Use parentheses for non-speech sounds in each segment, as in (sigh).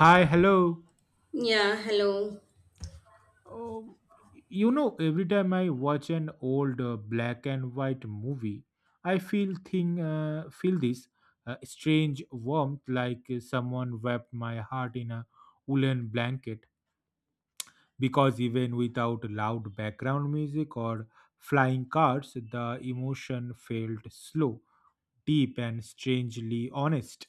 Hi, hello. Yeah, hello. Um, every time I watch an old black and white movie, I feel this strange warmth, like someone wrapped my heart in a woolen blanket. Because even without loud background music or flying cars, the emotion felt slow, deep, and strangely honest.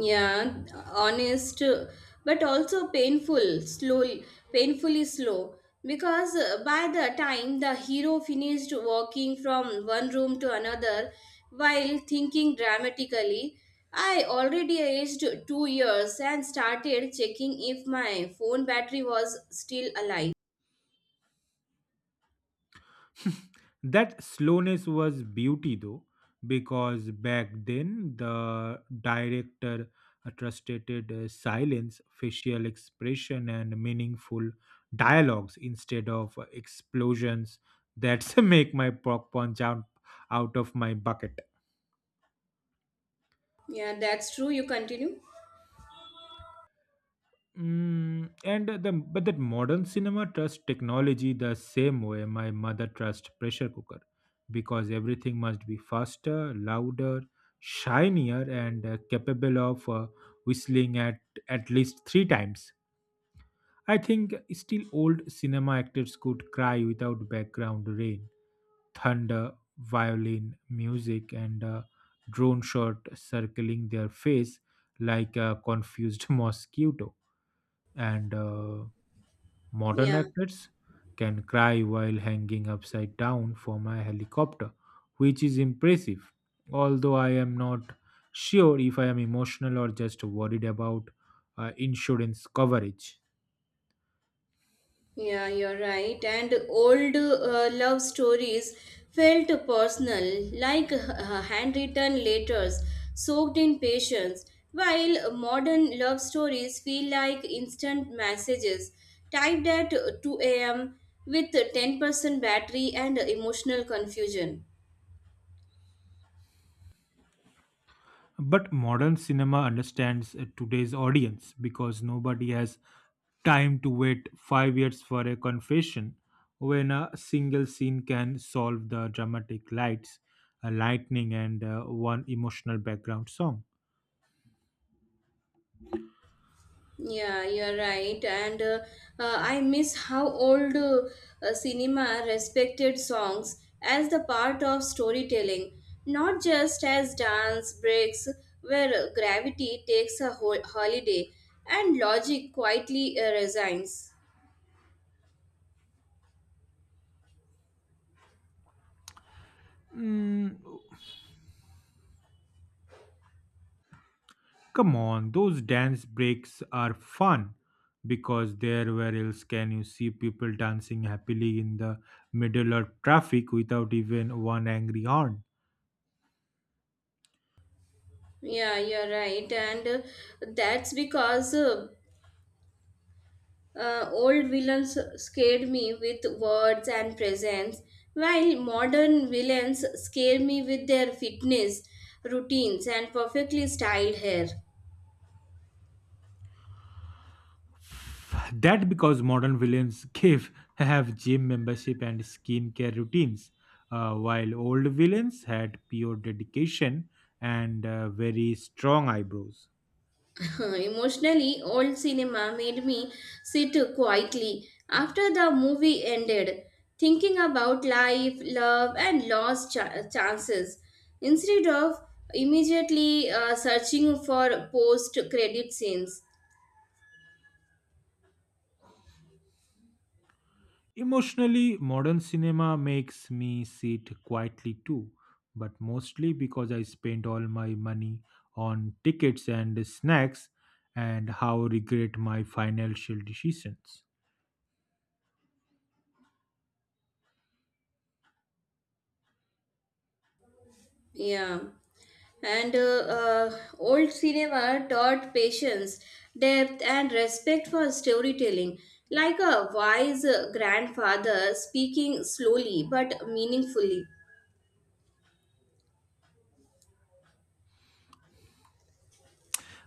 Yeah, honest, but also painful, slowly, painfully slow. Because by the time the hero finished walking from one room to another while thinking dramatically, I already aged 2 years and started checking if my phone battery was still alive. That slowness was beauty though, because back then the director trusted silence, facial expression, and meaningful dialogues instead of explosions that (laughs) make my popcorn jump out of my bucket. Yeah, that's true. You continue. Mm, and the but that modern cinema trusts technology the same way my mother trusts pressure cooker, because everything must be faster, louder, shinier, and capable of whistling at least three times. I think still old cinema actors could cry without background rain, thunder, violin, music, and a drone shot circling their face like a confused (laughs) mosquito and modern Yeah. actors can cry while hanging upside down from a helicopter, which is impressive. Although I am not sure if I am emotional or just worried about insurance coverage. Yeah, you're right. And old love stories felt personal, like handwritten letters soaked in patience, while modern love stories feel like instant messages typed at 2 a.m. with 10% battery and emotional confusion. But modern cinema understands today's audience because nobody has time to wait 5 years for a confession when a single scene can solve the dramatic lights, a lightning, and one emotional background song. Yeah, you're right. And I miss how old cinema respected songs as the part of storytelling, not just as dance breaks where gravity takes a holiday and logic quietly resigns. Mm, come on, those dance breaks are fun because there where else can you see people dancing happily in the middle of traffic without even one angry horn? Yeah, you're right. And that's because old villains scared me with words and presence, while modern villains scare me with their fitness, routines, and perfectly styled hair. That because modern villains give have gym membership and skincare routines, while old villains had pure dedication and very strong eyebrows. (laughs) Emotionally, old cinema made me sit quietly after the movie ended, thinking about life, love, and lost chances, instead of immediately searching for post credit scenes. Emotionally, modern cinema makes me sit quietly too, but mostly because I spent all my money on tickets and snacks and how regret my financial decisions. Yeah. And old cinema taught patience, depth, and respect for storytelling, like a wise grandfather speaking slowly but meaningfully.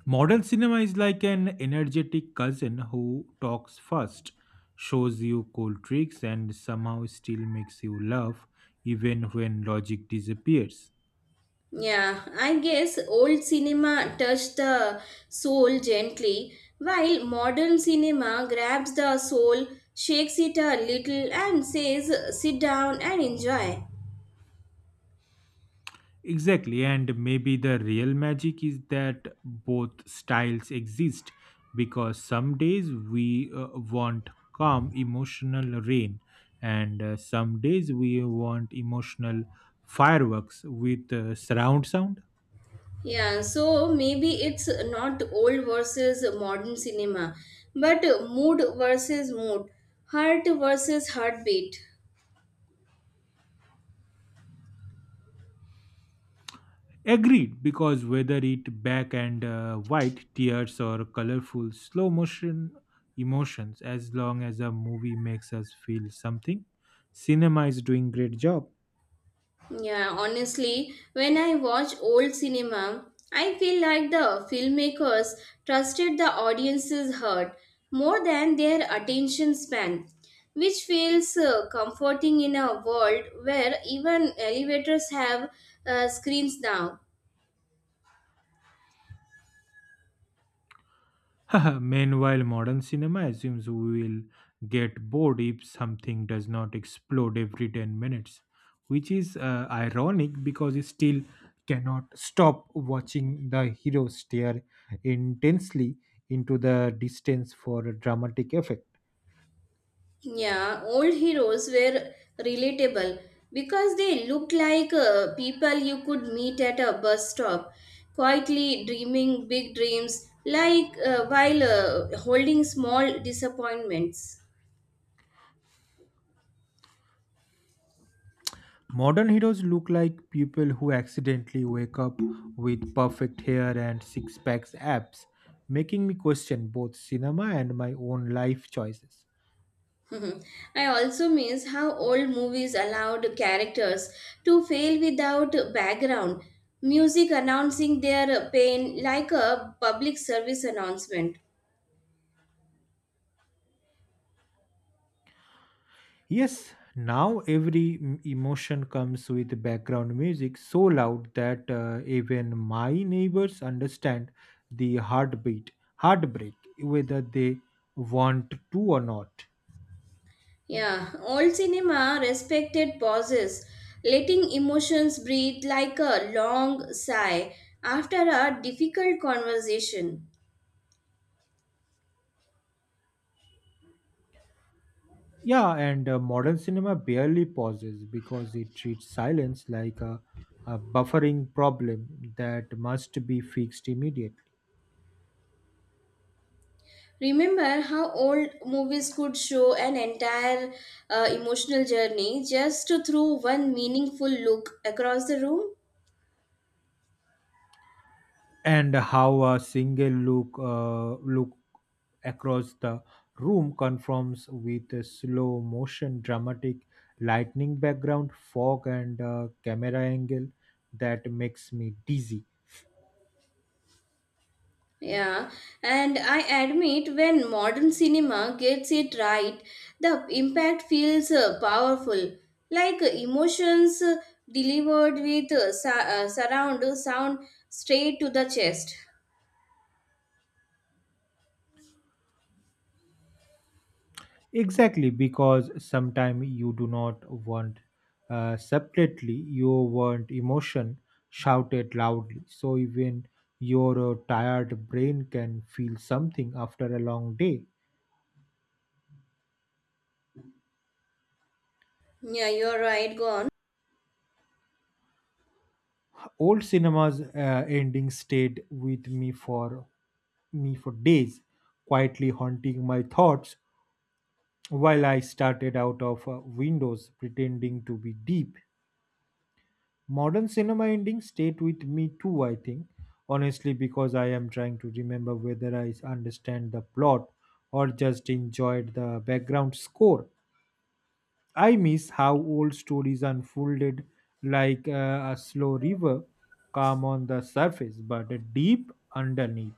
Modern cinema is like an energetic cousin who talks first, shows you cool tricks, and somehow still makes you laugh even when logic disappears. Yeah, I guess old cinema touched the soul gently, while modern cinema grabs the soul, shakes it a little, and says, "Sit down and enjoy." Exactly, and maybe the real magic is that both styles exist because some days we want calm emotional rain, and some days we want emotional fireworks with surround sound. Yeah, so maybe it's not old versus modern cinema, but mood versus mood, heart versus heartbeat. Agreed, because whether it black and white tears or colorful slow motion emotions, as long as a movie makes us feel something, cinema is doing great job. Yeah, honestly, when I watch old cinema, I feel like the filmmakers trusted the audience's heart more than their attention span, which feels comforting in a world where even elevators have screens now. (laughs) Meanwhile, modern cinema assumes we will get bored if something does not explode every 10 minutes, which is ironic because you still cannot stop watching the hero stare intensely into the distance for a dramatic effect. Yeah, old heroes were relatable because they looked like people you could meet at a bus stop, quietly dreaming big dreams, like while holding small disappointments. Modern heroes look like people who accidentally wake up with perfect hair and six packs abs, making me question both cinema and my own life choices. (laughs) I also miss how old movies allowed characters to fail without background, music announcing their pain like a public service announcement. Yes, now every emotion comes with background music so loud that even my neighbors understand the heartbeat, heartbreak, whether they want to or not. Yeah, old cinema respected pauses, letting emotions breathe like a long sigh after a difficult conversation. Yeah, and modern cinema barely pauses because it treats silence like a buffering problem that must be fixed immediately. Remember how old movies could show an entire emotional journey just through one meaningful look across the room? And how a single look across the room conforms with a slow motion, dramatic lightning background, fog, and camera angle that makes me dizzy. Yeah, and I admit when modern cinema gets it right, the impact feels powerful. Like emotions delivered with surround sound straight to the chest. Exactly, because sometimes you do not want separately, you want emotion shouted loudly. So even your tired brain can feel something after a long day. Yeah, you're right, go on. Old cinema's ending stayed with me for days, quietly haunting my thoughts while I started out of windows pretending to be deep. Modern cinema endings stayed with me too, I think. Honestly, because I am trying to remember whether I understand the plot or just enjoyed the background score. I miss how old stories unfolded like a slow river, calm on the surface but deep underneath.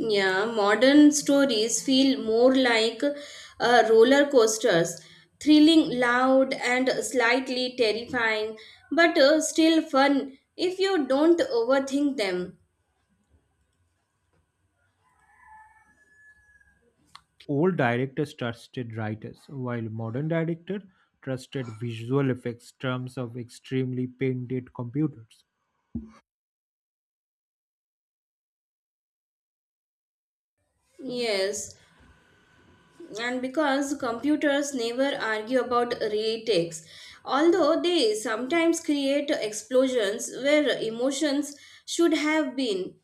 Yeah, modern stories feel more like roller coasters, thrilling, loud, and slightly terrifying, but still fun if you don't overthink them. Old directors trusted writers, while modern director trusted visual effects terms of extremely painted computers. Yes, and because computers never argue about retakes, although they sometimes create explosions where emotions should have been.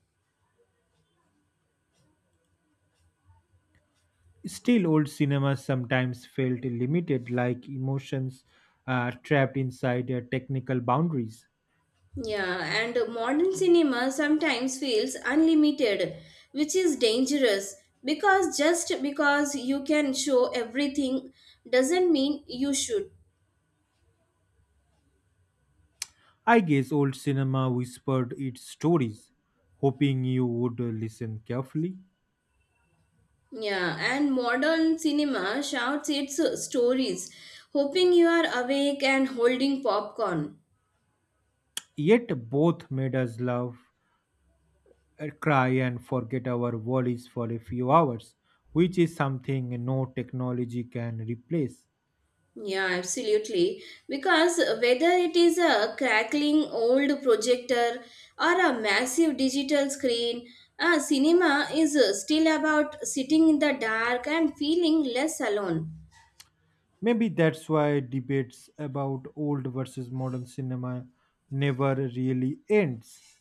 Still, old cinema sometimes felt limited, like emotions trapped inside their technical boundaries. Yeah, and modern cinema sometimes feels unlimited, which is dangerous, because just because you can show everything doesn't mean you should. I guess old cinema whispered its stories, hoping you would listen carefully. Yeah, and modern cinema shouts its stories, hoping you are awake and holding popcorn. Yet, both made us love, cry, and forget our worries for a few hours, which is something no technology can replace. Yeah, absolutely. Because whether it is a crackling old projector or a massive digital screen, a cinema is still about sitting in the dark and feeling less alone. Maybe that's why debates about old versus modern cinema never really ends.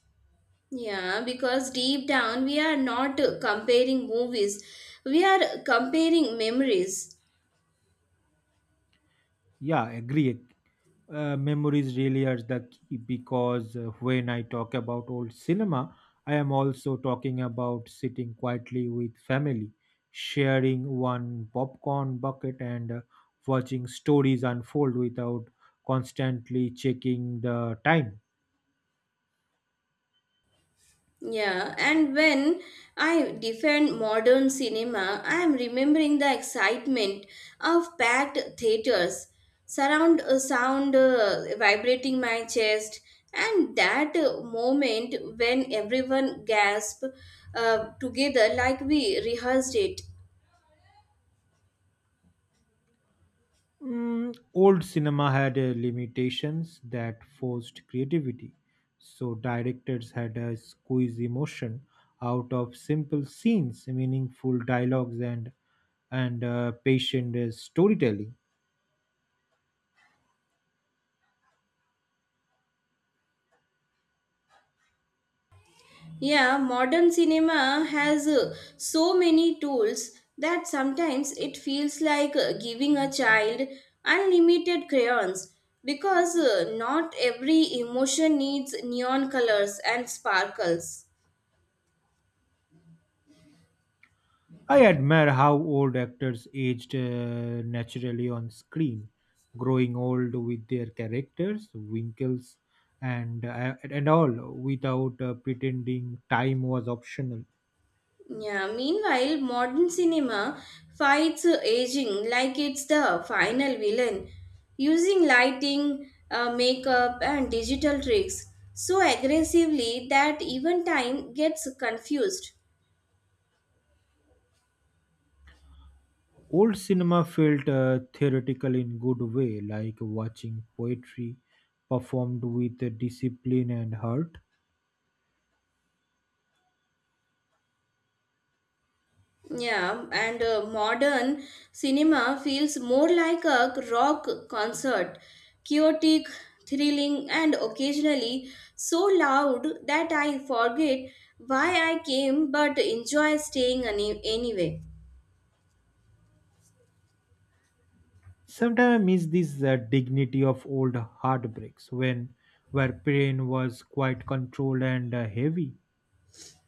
Yeah, because deep down we are not comparing movies, we are comparing memories. Yeah, agreed. Memories really are the key because when I talk about old cinema, I am also talking about sitting quietly with family, sharing one popcorn bucket, and watching stories unfold without constantly checking the time. Yeah, and when I defend modern cinema, I am remembering the excitement of packed theaters, surround sound vibrating my chest, and that moment when everyone gasped together like we rehearsed it. Mm, old cinema had limitations that forced creativity, so directors had to squeeze emotion out of simple scenes, meaningful dialogues, and patient storytelling. Yeah, modern cinema has so many tools that sometimes it feels like giving a child unlimited crayons, because not every emotion needs neon colors and sparkles. I admire how old actors aged naturally on screen, growing old with their characters, wrinkles, and all, without pretending time was optional. Yeah, meanwhile, modern cinema fights aging like it's the final villain, using lighting, makeup, and digital tricks so aggressively that even time gets confused. Old cinema felt theoretical in good way, like watching poetry performed with discipline and heart. Yeah, and modern cinema feels more like a rock concert, chaotic, thrilling, and occasionally so loud that I forget why I came but enjoy staying anyway. Sometimes I miss this dignity of old heartbreaks when where pain was quite controlled and heavy.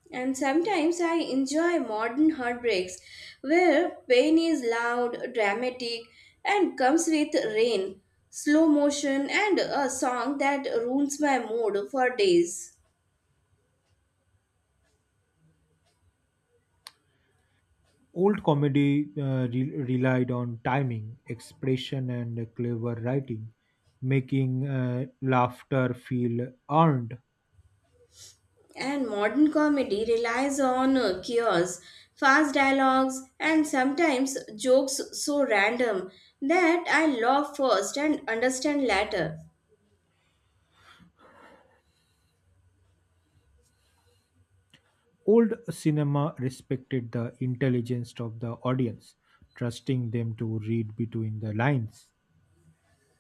And sometimes I enjoy modern heartbreaks where pain is loud, dramatic, and comes with rain, slow motion, and a song that ruins my mood for days. Old comedy relied on timing, expression, and clever writing, making laughter feel earned. And modern comedy relies on chaos, fast dialogues, and sometimes jokes so random that I laugh first and understand later. Old cinema respected the intelligence of the audience, trusting them to read between the lines.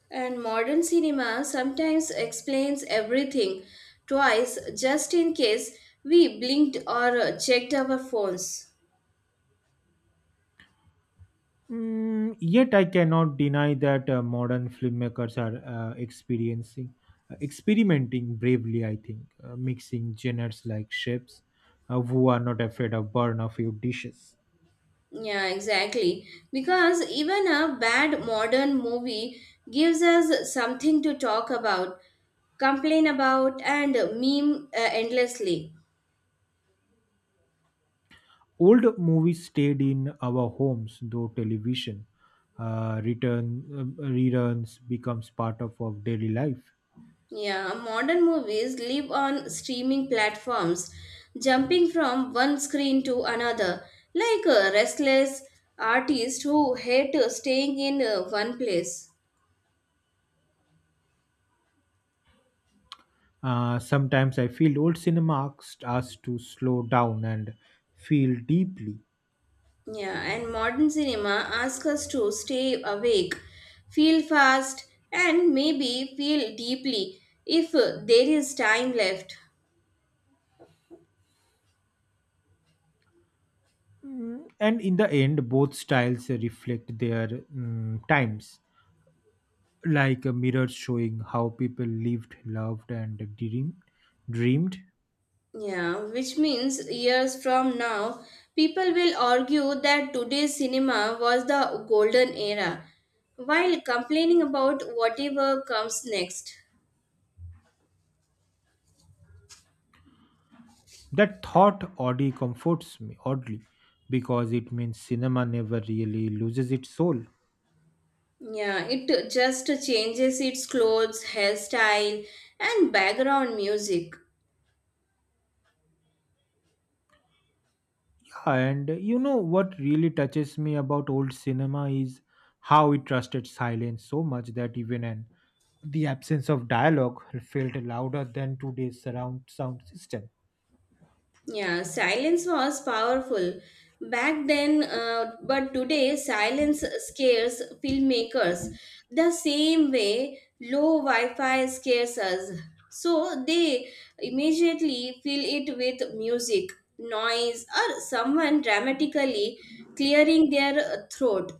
And modern cinema sometimes explains everything twice, just in case we blinked or checked our phones. Mm, yet I cannot deny that modern filmmakers are experiencing experimenting bravely I think mixing genres like chefs who are not afraid of burn a few dishes. Yeah, exactly. Because even a bad modern movie gives us something to talk about, complain about, and meme endlessly. Old movies stayed in our homes though television return reruns becomes part of our daily life. Yeah, modern movies live on streaming platforms, jumping from one screen to another, like a restless artist who hate staying in one place. Sometimes I feel old cinema asks us to slow down and feel deeply. Yeah, and modern cinema asks us to stay awake, feel fast, and maybe feel deeply if there is time left. And in the end, both styles reflect their times, like a mirror showing how people lived, loved, and dreamed. Yeah, which means years from now, people will argue that today's cinema was the golden era while complaining about whatever comes next. That thought oddly comforts me, oddly, because it means cinema never really loses its soul. Yeah, it just changes its clothes, hairstyle, and background music. And you know what really touches me about old cinema is how it trusted silence so much that even the absence of dialogue felt louder than today's surround sound system. Yeah, silence was powerful back then, but today silence scares filmmakers the same way low Wi Fi scares us. So they immediately fill it with music, noise, or someone dramatically clearing their throat.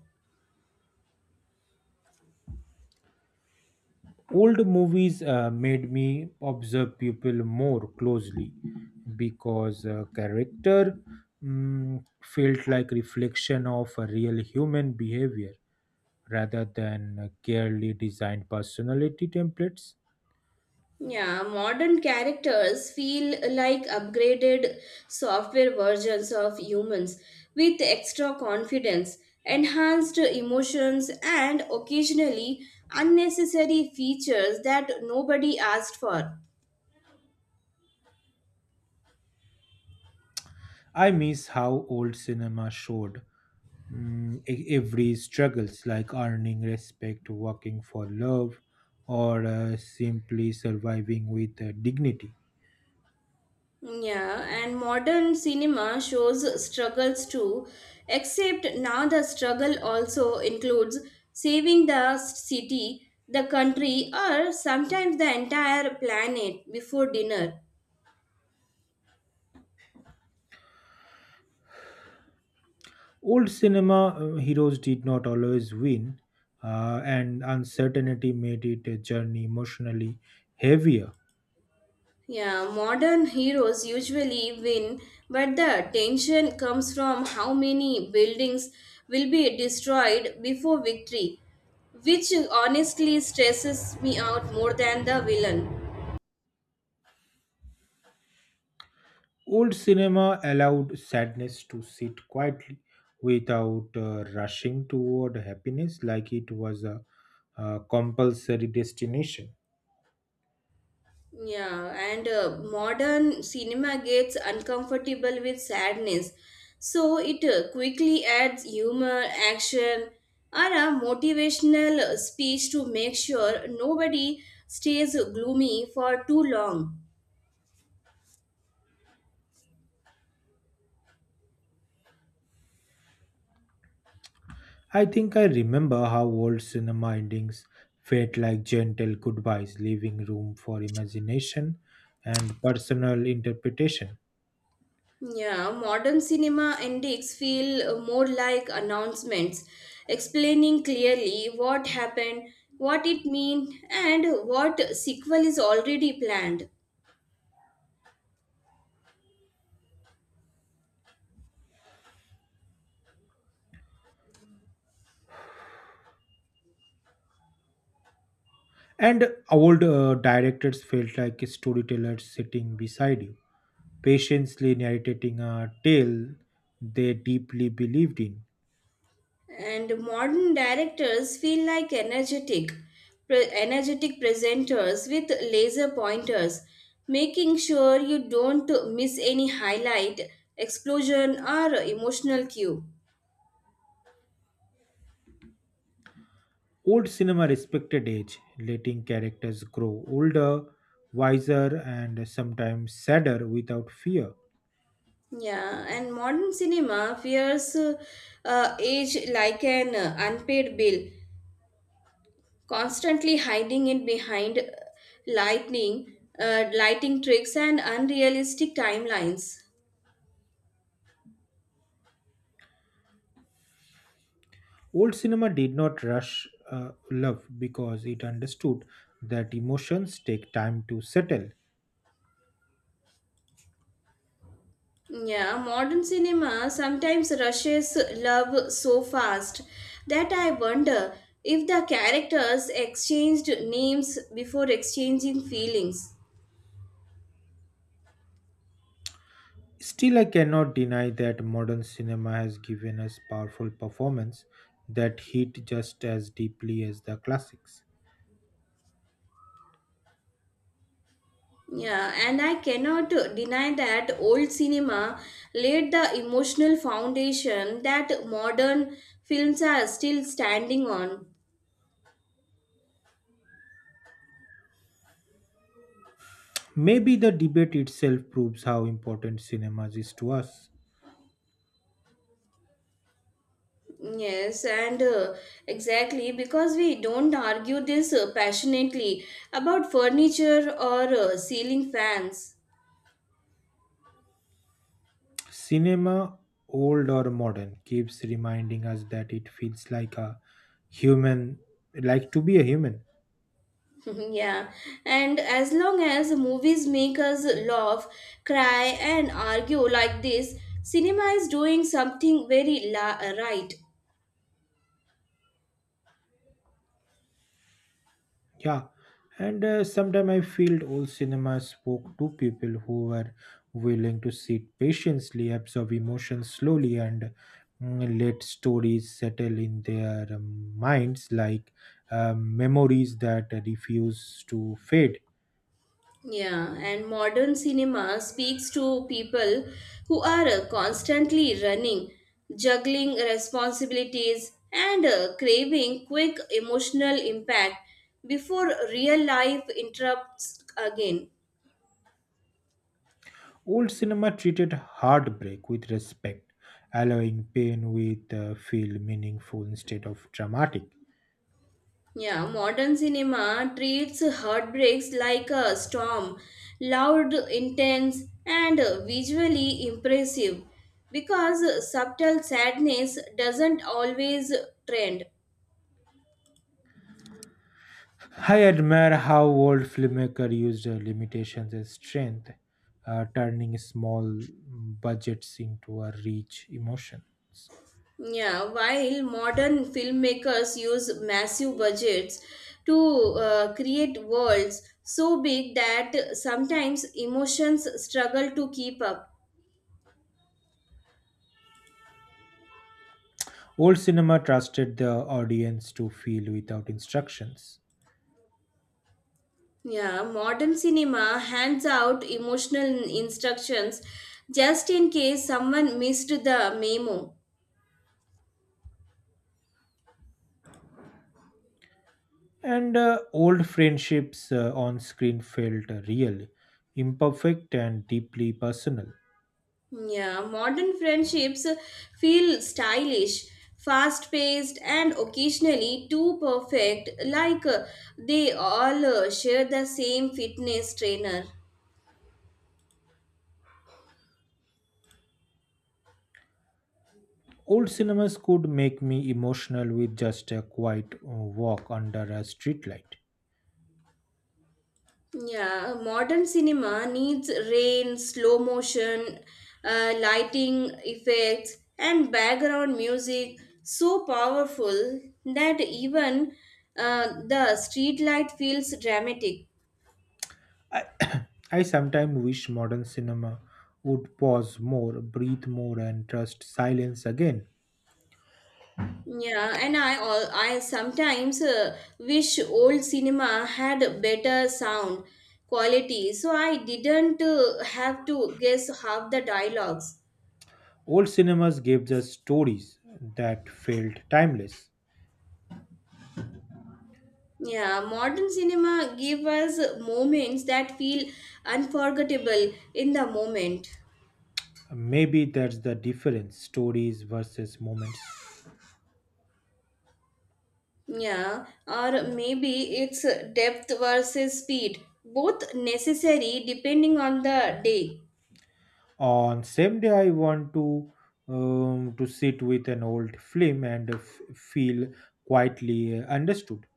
Old movies made me observe people more closely because character felt like reflection of a real human behavior rather than carefully designed personality templates. Yeah, modern characters feel like upgraded software versions of humans with extra confidence, enhanced emotions, and occasionally unnecessary features that nobody asked for. I miss how old cinema showed every struggles like earning respect, working for love, or simply surviving with dignity. Yeah, and modern cinema shows struggles too, except now the struggle also includes saving the city, the country, or sometimes the entire planet before dinner. Old cinema heroes did not always win, and uncertainty made it a journey emotionally heavier. Yeah, modern heroes usually win, but the tension comes from how many buildings will be destroyed before victory, which honestly stresses me out more than the villain. Old cinema allowed sadness to sit quietly without rushing toward happiness like it was compulsory destination. Yeah, and modern cinema gets uncomfortable with sadness, so it quickly adds humor, action, or a motivational speech to make sure nobody stays gloomy for too long. I think I remember how old cinema endings felt like gentle goodbyes, leaving room for imagination and personal interpretation. Yeah, modern cinema endings feel more like announcements, explaining clearly what happened, what it mean, and what sequel is already planned. And old directors felt like storytellers sitting beside you, patiently narrating a tale they deeply believed in. And modern directors feel like energetic, energetic presenters with laser pointers, making sure you don't miss any highlight, explosion, or emotional cue. Old cinema respected age, letting characters grow older, wiser, and sometimes sadder without fear. Yeah, and modern cinema fears age like an unpaid bill, constantly hiding it behind lighting tricks, and unrealistic timelines. Old cinema did not rush love because it understood that emotions take time to settle. Yeah, modern cinema sometimes rushes love so fast that I wonder if the characters exchanged names before exchanging feelings. Still, I cannot deny that modern cinema has given us powerful performance that hit just as deeply as the classics. Yeah, and I cannot deny that old cinema laid the emotional foundation that modern films are still standing on. Maybe the debate itself proves how important cinema is to us. Yes, and exactly because we don't argue this passionately about furniture or ceiling fans. Cinema, old or modern, keeps reminding us that it feels like a human, like to be a human. (laughs) Yeah, and as long as movies make us laugh, cry, and argue like this, cinema is doing something very right. Yeah. And sometimes I feel old cinema spoke to people who were willing to sit patiently, absorb emotions slowly, and let stories settle in their minds like memories that refuse to fade. Yeah, and modern cinema speaks to people who are constantly running, juggling responsibilities, and craving quick emotional impact before real life interrupts again. Old cinema treated heartbreak with respect, allowing pain with feel meaningful instead of dramatic. Yeah, modern cinema treats heartbreaks like a storm, loud, intense, and visually impressive, because subtle sadness doesn't always trend. I admire how old filmmakers used limitations as strength, turning small budgets into a rich emotions. Yeah, while modern filmmakers use massive budgets to create worlds so big that sometimes emotions struggle to keep up. Old cinema trusted the audience to feel without instructions, Yeah, modern cinema hands out emotional instructions just in case someone missed the memo. and old friendships on screen felt real, imperfect, and deeply personal. Yeah, modern friendships feel stylish, fast paced, and occasionally too perfect, like they all share the same fitness trainer. Old cinemas could make me emotional with just a quiet walk under a streetlight. Yeah, modern cinema needs rain, slow motion, lighting effects, and background music so powerful that even the streetlight feels dramatic. I, (coughs) (clears throat) I sometimes wish modern cinema would pause more, breathe more, and trust silence again. Yeah, and I all I sometimes wish old cinema had better sound quality, so I didn't have to guess half the dialogues. Old cinemas gave us stories that felt timeless. Yeah, modern cinema give us moments that feel unforgettable in the moment. Maybe that's the difference stories versus moments. Yeah, or maybe it's depth versus speed, both necessary depending on the day. On same day, I want to sit with an old film and feel quietly understood.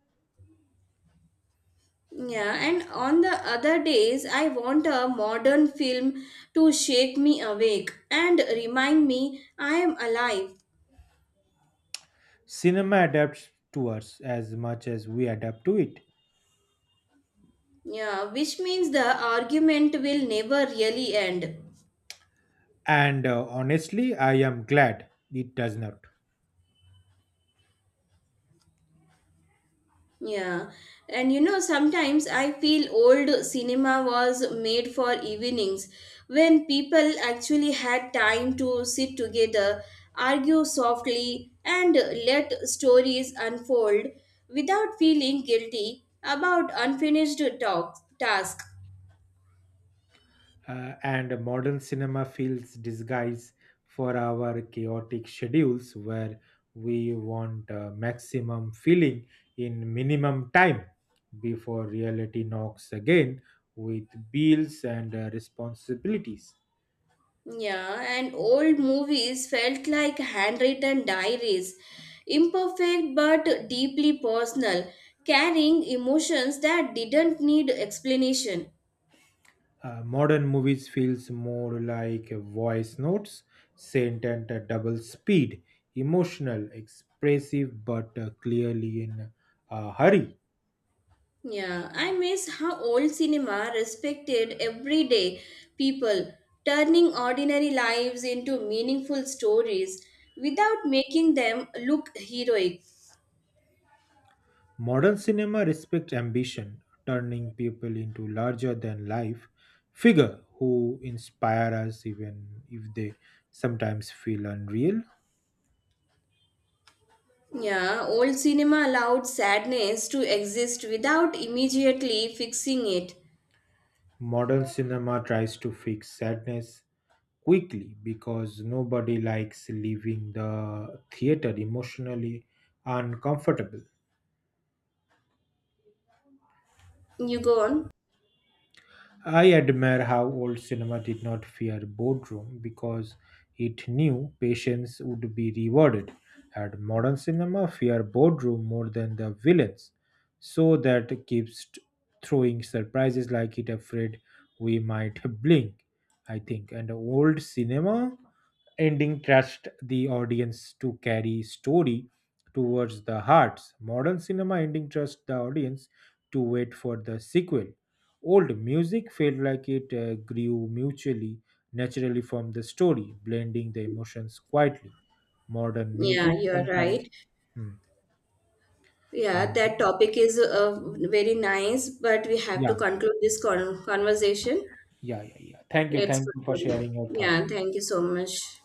Yeah, and on the other days, I want a modern film to shake me awake and remind me I am alive. Cinema adapts to us as much as we adapt to it. Yeah, which means the argument will never really end. And honestly, I am glad it does not. Yeah, and sometimes I feel old cinema was made for evenings when people actually had time to sit together, argue softly, and let stories unfold without feeling guilty about unfinished talk, task. And modern cinema feels disguise for our chaotic schedules where we want maximum feeling in minimum time before reality knocks again with bills and responsibilities. Yeah, and old movies felt like handwritten diaries, imperfect but deeply personal, carrying emotions that didn't need explanation. Modern movies feels more like a voice notes, sent at a double speed, emotional, expressive, but clearly in a hurry. Yeah, I miss how old cinema respected everyday people, turning ordinary lives into meaningful stories without making them look heroic. Modern cinema respects ambition, turning people into larger than life figure who inspire us even if they sometimes feel unreal. Yeah, old cinema allowed sadness to exist without immediately fixing it. Modern cinema tries to fix sadness quickly because nobody likes leaving the theater emotionally uncomfortable. You go on. I admire how old cinema did not fear boredom because it knew patience would be rewarded. And modern cinema fear boredom more than the villains, so that keeps throwing surprises like it afraid we might (laughs) blink. I think, and old cinema ending trust the audience to carry story towards the hearts. Modern cinema ending trust the audience to wait for the sequel. Old music felt like it grew mutually naturally from the story, blending the emotions quietly. Modern Yeah, music you are sometimes, right. hmm, Yeah, and that topic is very nice, but we have to yeah, conclude this conversation. yeah, yeah, yeah. Let's Thank you for conclude. sharing your thought. Yeah, thank you so much.